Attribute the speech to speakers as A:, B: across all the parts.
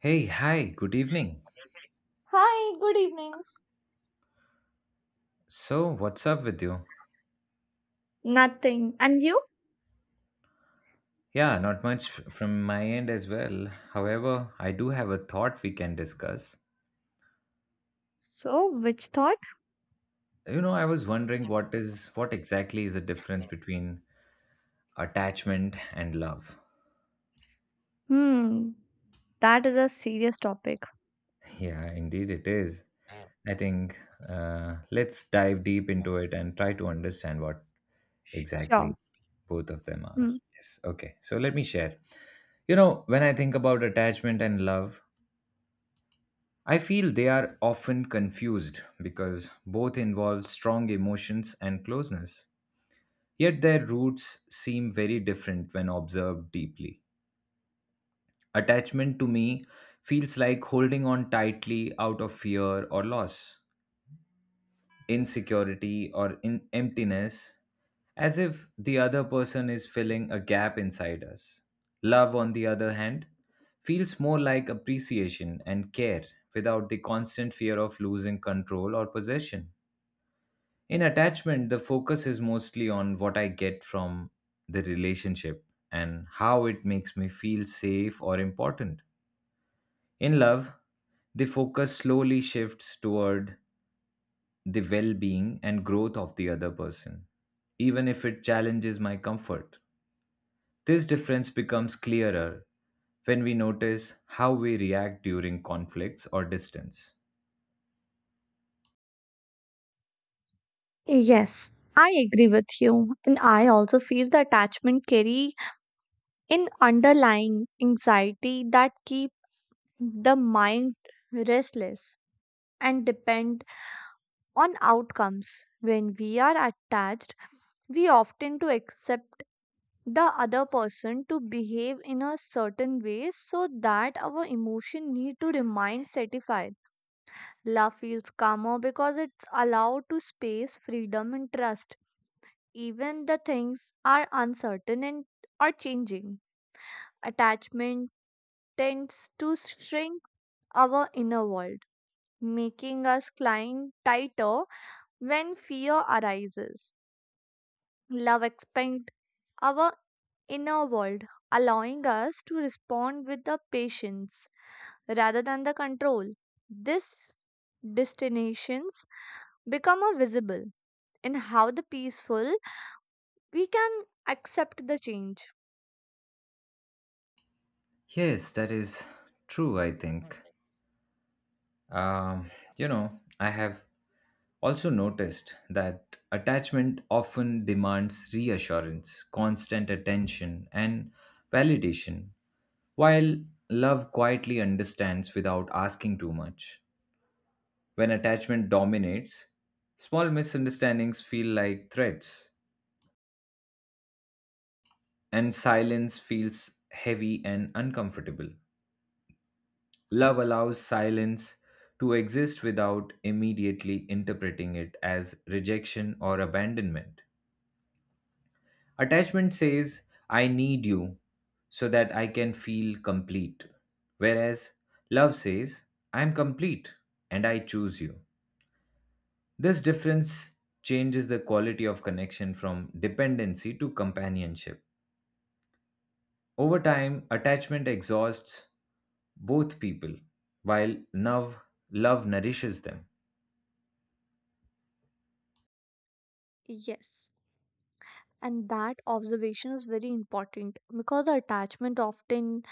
A: Hey, hi, good evening.
B: Hi, good evening.
A: So, what's up with you?
B: Nothing. And you?
A: Yeah, not much from my end as well. However, I do have a thought we can discuss.
B: So, which thought?
A: You know, I was wondering what exactly is the difference between attachment and love.
B: Hmm, that is a serious topic.
A: Yeah, indeed it is. I think let's dive deep into it and try to understand what
B: Sure.
A: exactly both of them are.
B: Hmm.
A: Yes, okay. So let me share. You know, when I think about attachment and love, I feel they are often confused because both involve strong emotions and closeness. Yet their roots seem very different when observed deeply. Attachment to me feels like holding on tightly out of fear or loss, insecurity or in emptiness as if the other person is filling a gap inside us. Love, on the other hand, feels more like appreciation and care without the constant fear of losing control or possession. In attachment, the focus is mostly on what I get from the relationship and how it makes me feel safe or important. In love, the focus slowly shifts toward the well being and growth of the other person, even if it challenges my comfort. This difference becomes clearer when we notice how we react during conflicts or distance.
B: Yes, I agree with you. And I also feel the attachment carry in underlying anxiety that keep the mind restless and depend on outcomes. When we are attached, we often to accept the other person to behave in a certain way so that our emotion need to remain satisfied love feels calmer because it's allowed to space freedom and trust even the things are uncertain and are changing attachment tends to shrink our inner world making us climb tighter when fear arises love expands our inner world, allowing us to respond with the patience rather than the control. These destinations become a visible in how the peaceful we can accept the change.
A: Yes, that is true, I think. Um, you know, I have also noticed that attachment often demands reassurance, constant attention, and validation, while love quietly understands without asking too much. When attachment dominates, small misunderstandings feel like threats, and silence feels heavy and uncomfortable. Love allows silence to exist without immediately interpreting it as rejection or abandonment. Attachment says, I need you so that I can feel complete. Whereas love says, I am complete and I choose you. This difference changes the quality of connection from dependency to companionship. Over time, attachment exhausts both people, while love nourishes them.
B: Yes. And that observation is very important because the attachment often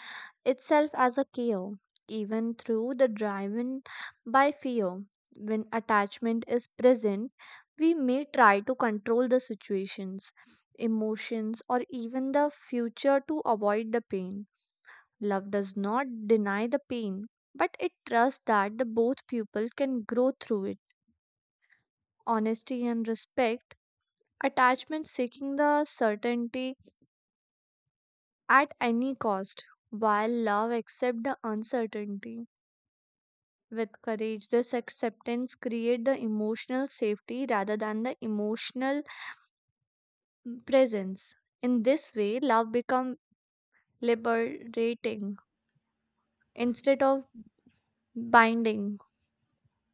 B: itself as a chaos, even through the driven by fear. When attachment is present, we may try to control the situations, emotions, or even the future to avoid the pain. Love does not deny the pain, but it trusts that the both people can grow through it. Honesty and respect, attachment seeking the certainty at any cost, while love accepts the uncertainty with courage. This acceptance create the emotional safety rather than the emotional presence. In this way, love become liberating instead of binding.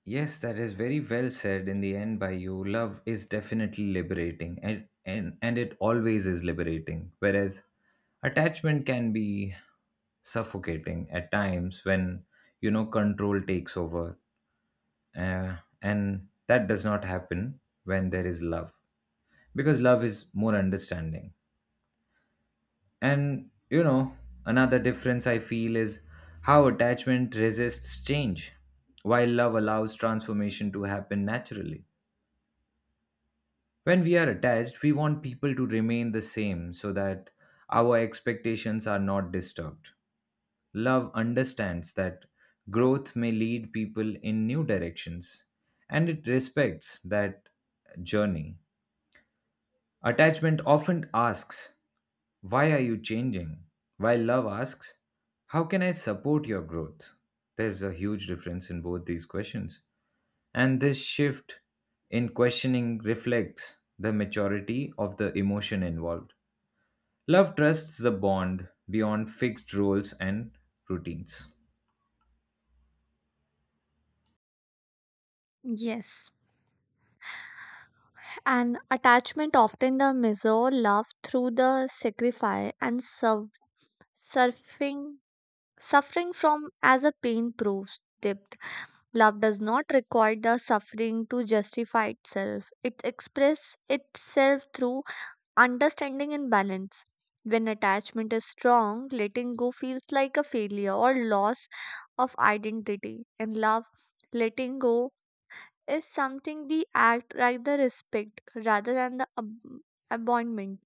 A: Yes, that is very well said in the end by you. Love is definitely liberating and it always is liberating. Whereas attachment can be suffocating at times when, you know, control takes over. And that does not happen when there is love because love is more understanding. And you know, another difference I feel is how attachment resists change, while love allows transformation to happen naturally. When we are attached, we want people to remain the same so that our expectations are not disturbed. Love understands that growth may lead people in new directions, and it respects that journey. Attachment often asks, why are you changing? While love asks, how can I support your growth? There's a huge difference in both these questions. And this shift in questioning reflects the maturity of the emotion involved. Love trusts the bond beyond fixed roles and routines.
B: Yes, and attachment often the measure love through the sacrifice and surfing suffering from as a pain proves depth. Love does not require the suffering to justify itself. It express itself through understanding and balance. When attachment is strong, letting go feels like a failure or loss of identity. In love, letting go is something we act rather respect rather than the abandonment.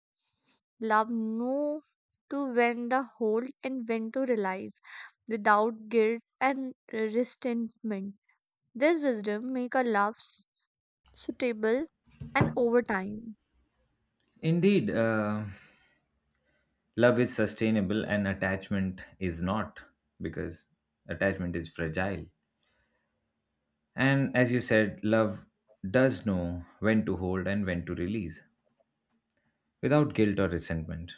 B: Love know to when to hold and when to realize without guilt and resentment. This wisdom make a love suitable and over time.
A: Indeed, love is sustainable and attachment is not because attachment is fragile. And as you said, love does know when to hold and when to release without guilt or resentment.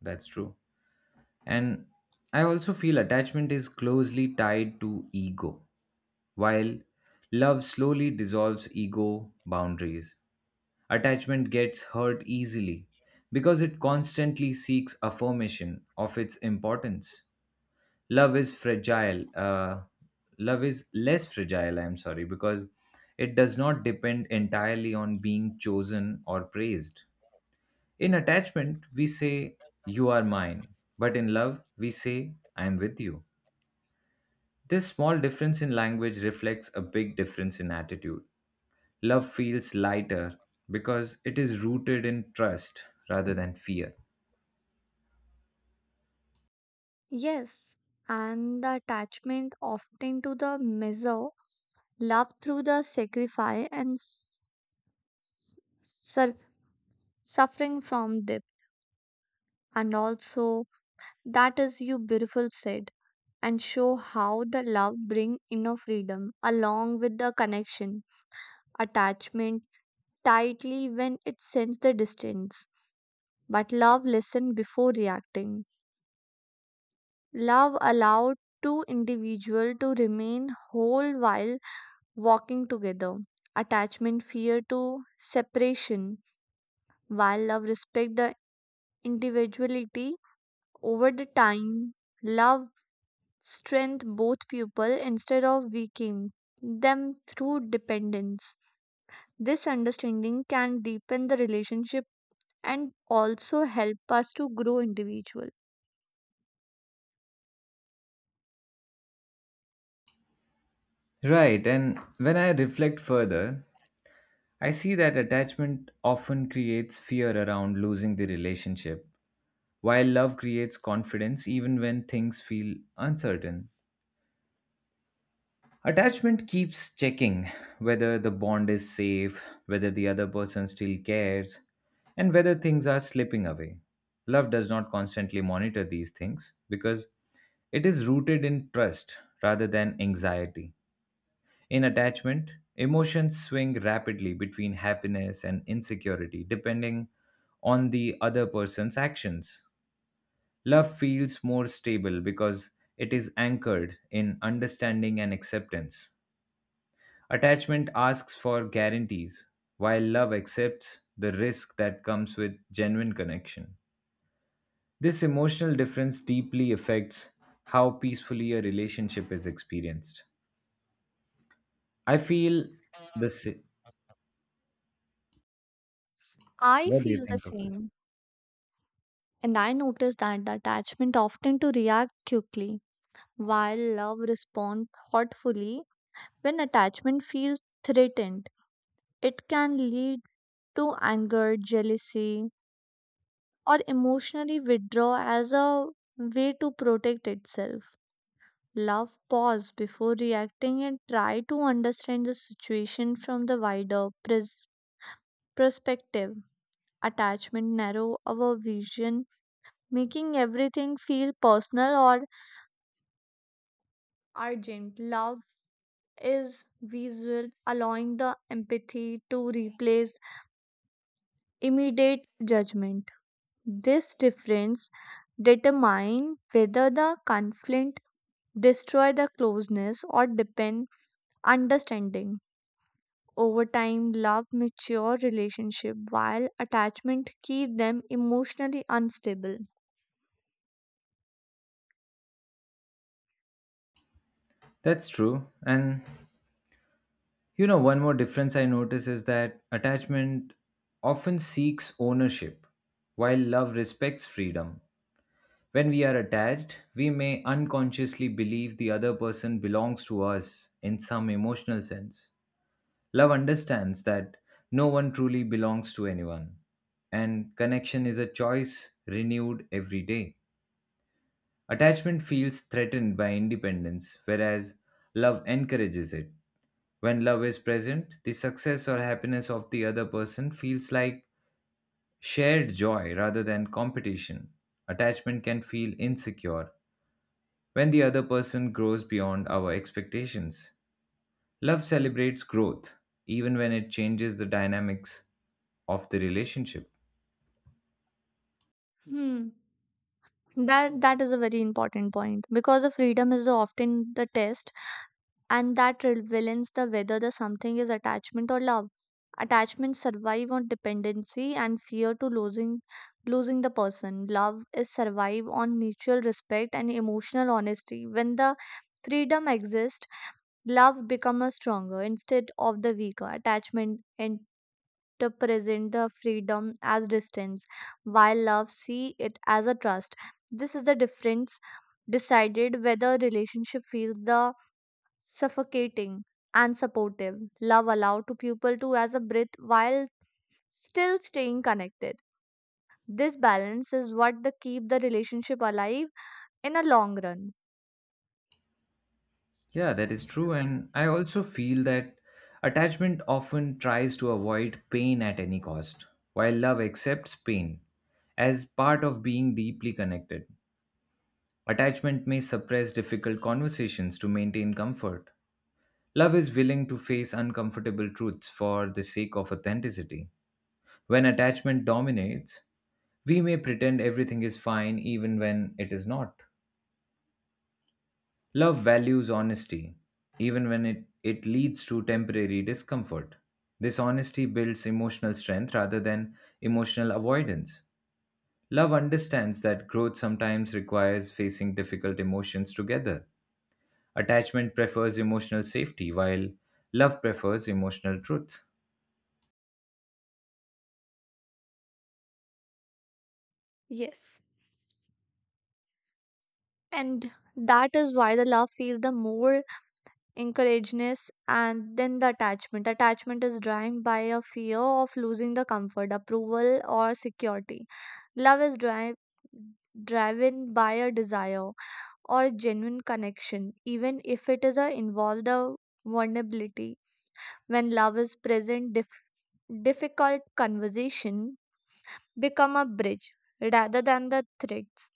A: That's true. And I also feel attachment is closely tied to ego, while love slowly dissolves ego boundaries. Attachment gets hurt easily because it constantly seeks affirmation of its importance. love is fragile uh, love is less fragile, I'm sorry, because it does not depend entirely on being chosen or praised. In attachment we say, you are mine, but in love we say, I am with you. This small difference in language reflects a big difference in attitude. Love feels lighter because it is rooted in trust rather than fear.
B: Yes, and the attachment often to the measure, love through the sacrifice and s- sur- suffering from depth. And also, that is you beautiful said, and show how the love bring inner freedom along with the connection, attachment tightly when it sends the distance. But love listen before reacting. Love allowed two individual to remain whole while walking together. Attachment fear to separation, while love respect the individuality over the time. Love strength both people instead of weakening them through dependence. This understanding can deepen the relationship and also help us to grow individual.
A: Right, and when I reflect further, I see that attachment often creates fear around losing the relationship, while love creates confidence even when things feel uncertain. Attachment keeps checking whether the bond is safe, whether the other person still cares, and whether things are slipping away. Love does not constantly monitor these things because it is rooted in trust rather than anxiety. In attachment, emotions swing rapidly between happiness and insecurity depending on the other person's actions. Love feels more stable because it is anchored in understanding and acceptance. Attachment asks for guarantees, while love accepts the risk that comes with genuine connection. This emotional difference deeply affects how peacefully a relationship is experienced. I feel the sa-
B: I
A: What do you
B: feel the
A: think of it?
B: same. And I notice that the attachment often to react quickly, while love responds thoughtfully when attachment feels threatened, it can lead to anger, jealousy, or emotionally withdraw as a way to protect itself. Love pause before reacting and try to understand the situation from the wider perspective. Attachment narrow our vision, making everything feel personal or urgent. Love is visual, allowing the empathy to replace immediate judgment. This difference determine whether the conflict destroy the closeness or deepen understanding. Over time, love mature relationship while attachment keep them emotionally unstable.
A: That's true. And you know, one more difference I notice is that attachment often seeks ownership, while love respects freedom. When we are attached, we may unconsciously believe the other person belongs to us in some emotional sense. Love understands that no one truly belongs to anyone, and connection is a choice renewed every day. Attachment feels threatened by independence, whereas love encourages it. When love is present, the success or happiness of the other person feels like shared joy rather than competition. Attachment can feel insecure when the other person grows beyond our expectations. Love celebrates growth, even when it changes the dynamics of the relationship.
B: Hmm. That is a very important point because the freedom is often the test and that reveals the whether the something is attachment or love attachments survive on dependency and fear to losing the person love is survive on mutual respect and emotional honesty when the freedom exists love becomes stronger instead of the weaker attachment interpret the freedom as distance while love see it as a trust this is the difference decided whether relationship feels the suffocating and supportive. Love allowed to people to as a breath while still staying connected. This balance is what the keep the relationship alive in a long run.
A: Yeah, that is true. And I also feel that attachment often tries to avoid pain at any cost, while love accepts pain as part of being deeply connected. Attachment may suppress difficult conversations to maintain comfort. Love is willing to face uncomfortable truths for the sake of authenticity. When attachment dominates, we may pretend everything is fine even when it is not. Love values honesty, even when it leads to temporary discomfort. This honesty builds emotional strength rather than emotional avoidance. Love understands that growth sometimes requires facing difficult emotions together. Attachment prefers emotional safety, while love prefers emotional truth.
B: Yes. And that is why the love feels the more encourageness and then the attachment. Attachment is driven by a fear of losing the comfort, approval or security. Love is driven by a desire or genuine connection, even if it is a involved a vulnerability. When love is present, difficult conversation become a bridge rather than the threats.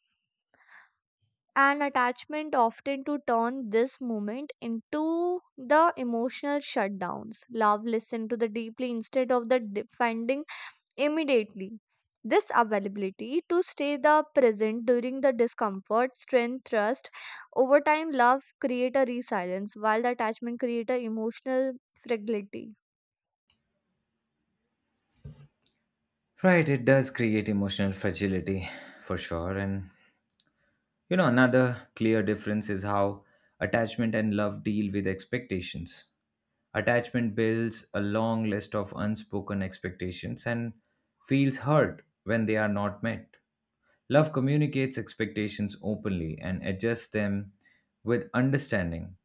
B: And attachment often to turn this moment into the emotional shutdowns. Love listen to the deeply instead of the defending immediately. This availability to stay the present during the discomfort, strength, trust, over time, love create a resilience, while the attachment create a emotional fragility.
A: Right, it does create emotional fragility for sure. And you know, another clear difference is how attachment and love deal with expectations. Attachment builds a long list of unspoken expectations and feels hurt when they are not met. Love communicates expectations openly and adjusts them with understanding.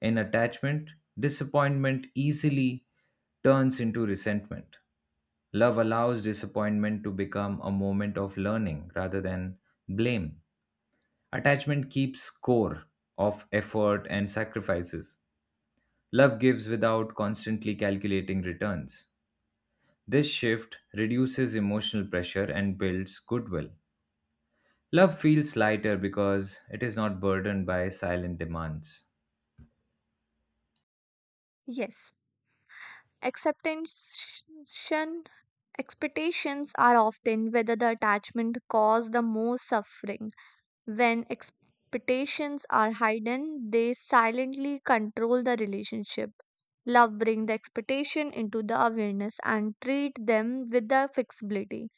A: In attachment, disappointment easily turns into resentment. Love allows disappointment to become a moment of learning rather than blame. Attachment keeps score of effort and sacrifices. Love gives without constantly calculating returns. This shift reduces emotional pressure and builds goodwill. Love feels lighter because it is not burdened by silent demands.
B: Yes, acceptance expectations are often whether the attachment cause the most suffering when expectations are hidden, they silently control the relationship. Love brings the expectation into the awareness and treat them with the flexibility.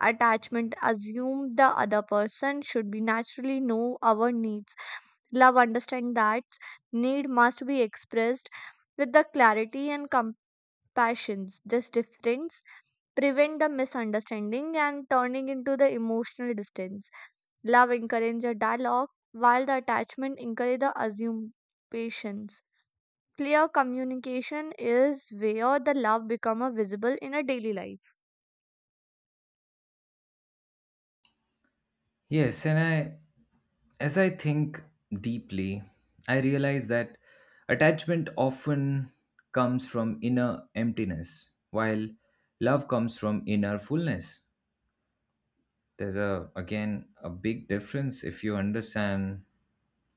B: Attachment assume the other person should be naturally know our needs. Love understand that need must be expressed with the clarity and compassion passions. This difference prevent the misunderstanding and turning into the emotional distance. Love encourage a dialogue while the attachment encourage the assumptions. Clear communication is where the love become a visible in a daily life.
A: Yes, and I as I think deeply, I realize that attachment often comes from inner emptiness, while love comes from inner fullness. There's a again a big difference if you understand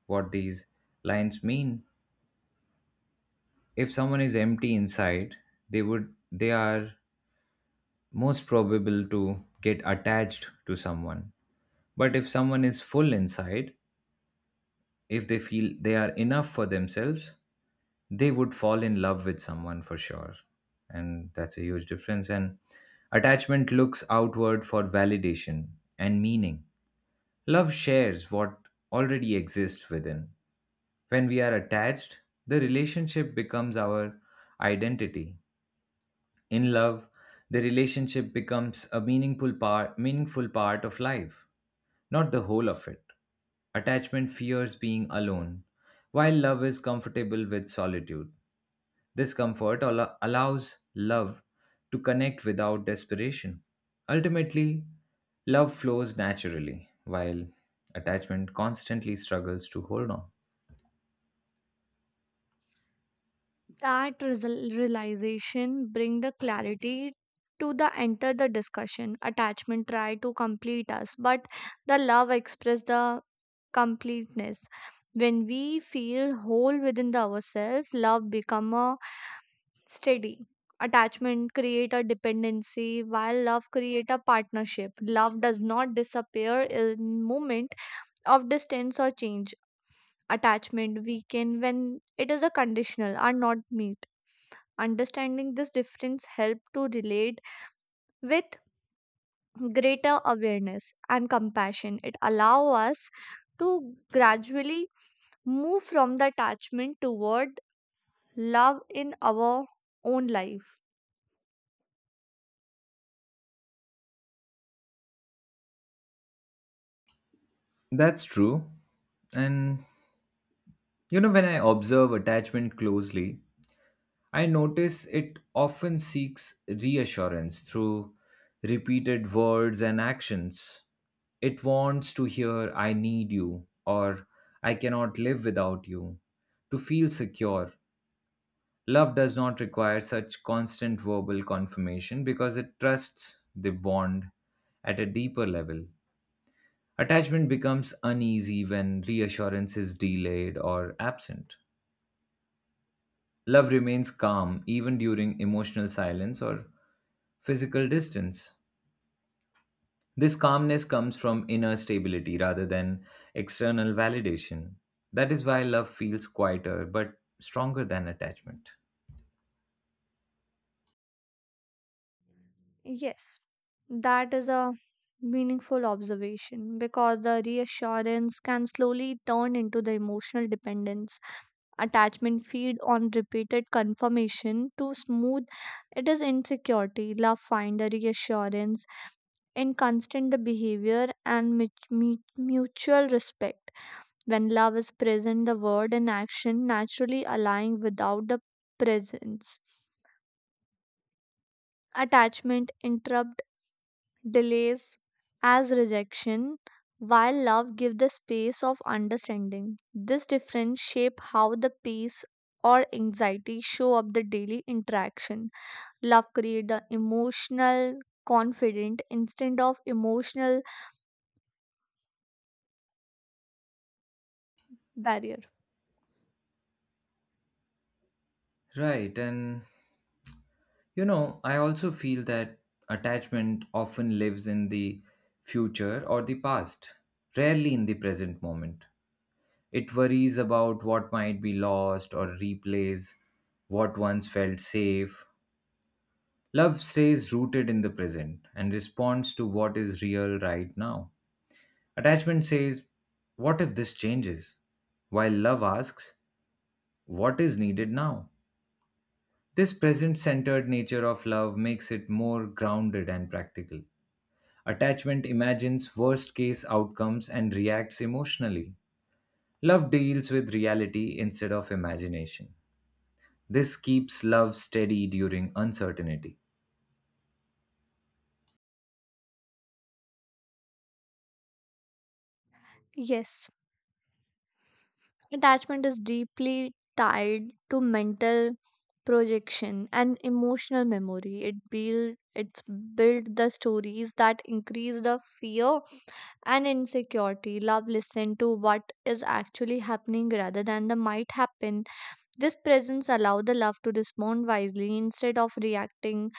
A: what these lines mean. If someone is empty inside, they are most probable to get attached to someone. But if someone is full inside, if they feel they are enough for themselves, they would fall in love with someone for sure. And that's a huge difference. And attachment looks outward for validation and meaning. Love shares what already exists within. When we are attached, the relationship becomes our identity. In love, the relationship becomes a meaningful part of life, not the whole of it. Attachment fears being alone, while love is comfortable with solitude. This comfort allows love to connect without desperation. Ultimately, love flows naturally, while attachment constantly struggles to hold on.
B: That realization bring the clarity to the enter the discussion. Attachment try to complete us, but the love express the completeness. When we feel whole within the ourselves, love become a steady attachment create a dependency while love create a partnership love does not disappear in moment of distance or change attachment weaken when it is a conditional are not meet understanding this difference help to relate with greater awareness and compassion. It allow us to gradually move from the attachment toward love in our own life.
A: That's true. And you know, when I observe attachment closely, I notice it often seeks reassurance through repeated words and actions. It wants to hear, I need you, or I cannot live without you, to feel secure. Love does not require such constant verbal confirmation because it trusts the bond at a deeper level. Attachment becomes uneasy when reassurance is delayed or absent. Love remains calm even during emotional silence or physical distance. This calmness comes from inner stability rather than external validation. That is why love feels quieter but stronger than attachment.
B: Yes, that is a meaningful observation because the reassurance can slowly turn into the emotional dependence. Attachment feed on repeated confirmation to smooth it is insecurity. Love find a reassurance in constant the behavior and mutual respect. When love is present, the word and action naturally align without the presence. Attachment interrupt delays as rejection, while love gives the space of understanding. This difference shape how the peace or anxiety show up the daily interaction. Love create the emotional confident instead of emotional barrier.
A: Right, and you know, I also feel that attachment often lives in the future or the past, rarely in the present moment. It worries about what might be lost or replays what once felt safe. Love stays rooted in the present and responds to what is real right now. Attachment says, what if this changes? While love asks, what is needed now? This present centered nature of love makes it more grounded and practical. Attachment imagines worst case outcomes and reacts emotionally. Love deals with reality instead of imagination. This keeps love steady during uncertainty.
B: Yes. Attachment is deeply tied to mental projection and emotional memory. It build it's built the stories that increase the fear and insecurity. Love listen to what is actually happening rather than the might happen. This presence allow the love to respond wisely instead of reacting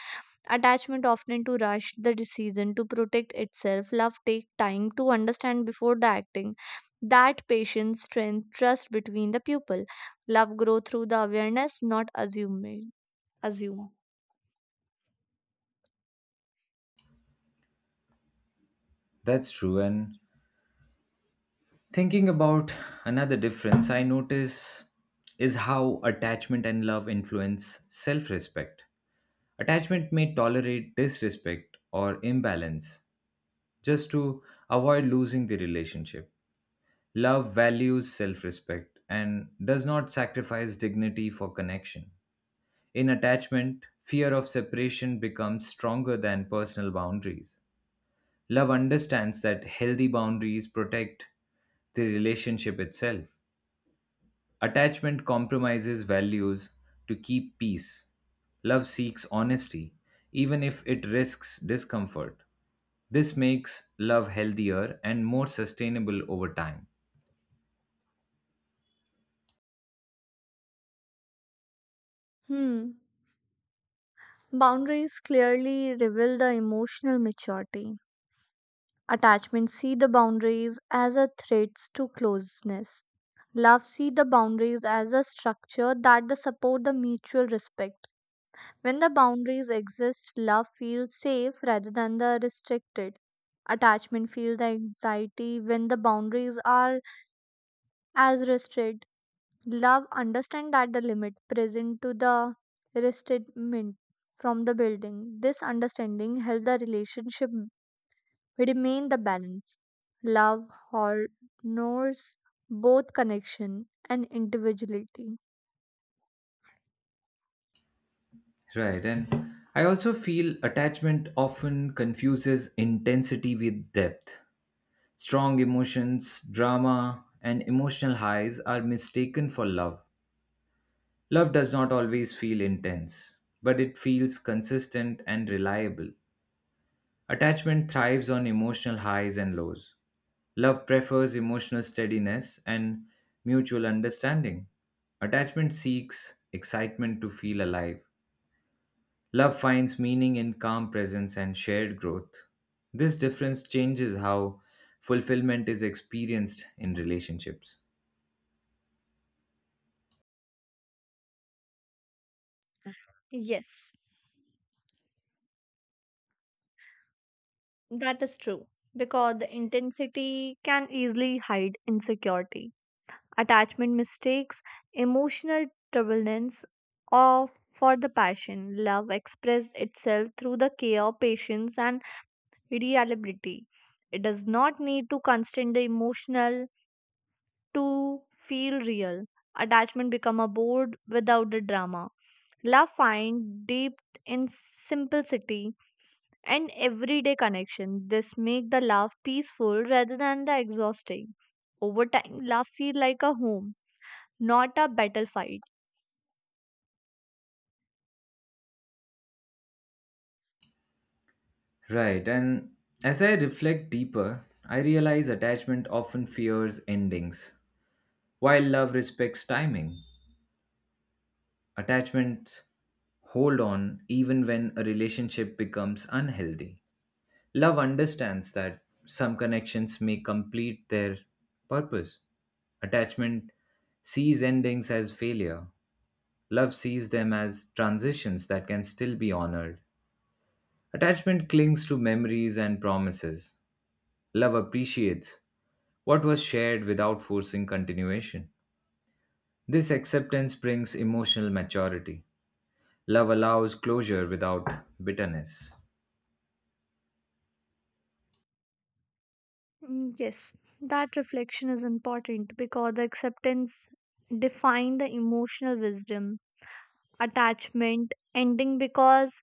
B: attachment often to rush the decision to protect itself. Love take time to understand before the acting. That patience strength trust between the people. Love grow through the awareness, not assuming. Assume.
A: That's true, and thinking about another difference I notice is how attachment and love influence self respect. Attachment may tolerate disrespect or imbalance just to avoid losing the relationship. Love values self respect and does not sacrifice dignity for connection. In attachment, fear of separation becomes stronger than personal boundaries. Love understands that healthy boundaries protect the relationship itself. Attachment compromises values to keep peace. Love seeks honesty, even if it risks discomfort. This makes love healthier and more sustainable over time.
B: Hmm. Boundaries clearly reveal the emotional maturity. Attachment see the boundaries as a threats to closeness. Love see the boundaries as a structure that the support the mutual respect when the boundaries exist, love feels safe rather than the restricted. Attachment feels the anxiety when the boundaries are as restricted. Love understand that the limit present to the restraint from the building. This understanding help the relationship remain the balance. Love honors both connection and individuality.
A: Right, and I also feel attachment often confuses intensity with depth. Strong emotions, drama, and emotional highs are mistaken for love. Love does not always feel intense, but it feels consistent and reliable. Attachment thrives on emotional highs and lows. Love prefers emotional steadiness and mutual understanding. Attachment seeks excitement to feel alive. Love finds meaning in calm presence and shared growth. This difference changes how fulfillment is experienced in relationships.
B: Yes. That is true, because the intensity can easily hide insecurity, attachment mistakes, emotional turbulence, or for the passion. Love expressed itself through the care, patience, and reliability. It does not need to constrain the emotional to feel real. Attachment become a board without the drama. Love find depth in simplicity and everyday connection. This make the love peaceful rather than the exhausting. Over time, love feel like a home, not a battlefield.
A: Right, and as I reflect deeper, I realize attachment often fears endings, while love respects timing. Attachments hold on even when a relationship becomes unhealthy. Love understands that some connections may complete their purpose. Attachment sees endings as failure. Love sees them as transitions that can still be honored. Attachment clings to memories and promises. Love appreciates what was shared without forcing continuation. This acceptance brings emotional maturity. Love allows closure without bitterness.
B: Mm, yes, that reflection is important because the acceptance define the emotional wisdom. Attachment ending because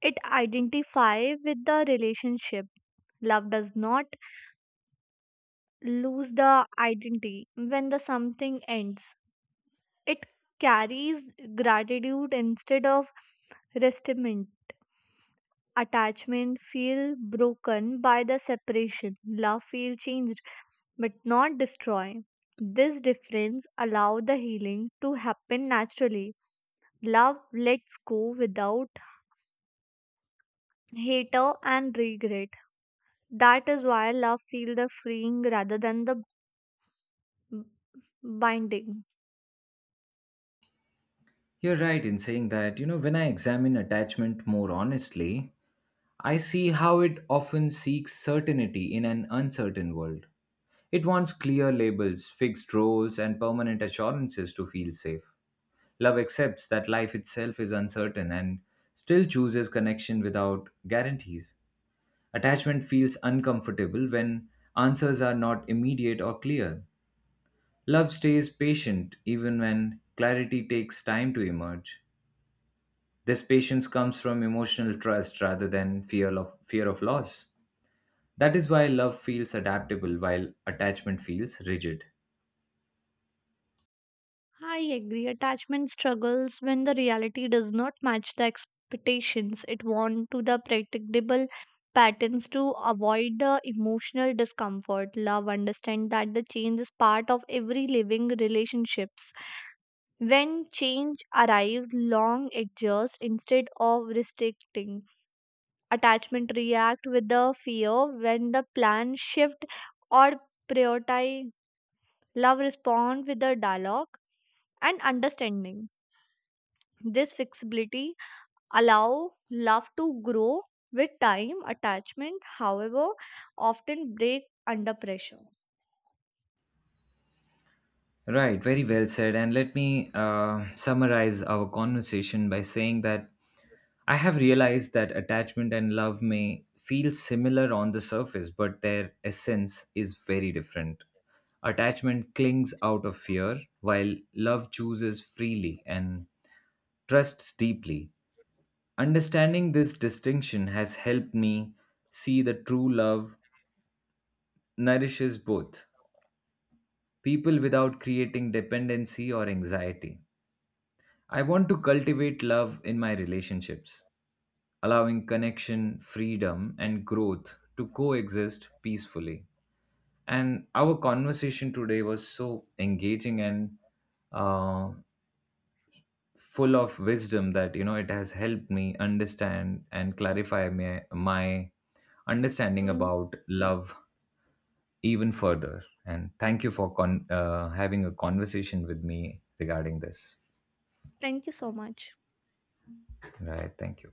B: it identify with the relationship. Love does not lose the identity when the something ends. It carries gratitude instead of resentment. Attachment feel broken by the separation. Love feel changed but not destroyed. This difference allow the healing to happen naturally. Love lets go without hater and regret. That is why love feel the freeing rather than the b- binding.
A: You're right in saying that, you know, when I examine attachment more honestly, I see how it often seeks certainty in an uncertain world. It wants clear labels, fixed roles, and permanent assurances to feel safe. Love accepts that life itself is uncertain and still chooses connection without guarantees. Attachment feels uncomfortable when answers are not immediate or clear. Love stays patient even when clarity takes time to emerge. This patience comes from emotional trust rather than fear of loss. That is why love feels adaptable while attachment feels rigid.
B: I agree. Attachment struggles when the reality does not match the expectations it wants to the predictable patterns to avoid the emotional discomfort. Love understand that the change is part of every living relationships. When change arrives, long adjust instead of restricting. Attachment react with the fear when the plan shift or prioritize. Love respond with the dialogue and understanding. This flexibility allow love to grow with time. Attachment, however, often break under pressure.
A: Right, very well said. And let me summarize our conversation by saying that I have realized that attachment and love may feel similar on the surface, but their essence is very different. Attachment clings out of fear, while love chooses freely and trusts deeply. Understanding this distinction has helped me see that true love nourishes both people without creating dependency or anxiety. I want to cultivate love in my relationships, allowing connection, freedom, and growth to coexist peacefully. And our conversation today was so engaging and uh, full of wisdom that you know it has helped me understand and clarify my understanding
B: Hmm.
A: about love even further. And thank you for having a conversation with me regarding this.
B: Thank you so much.
A: Right, thank you.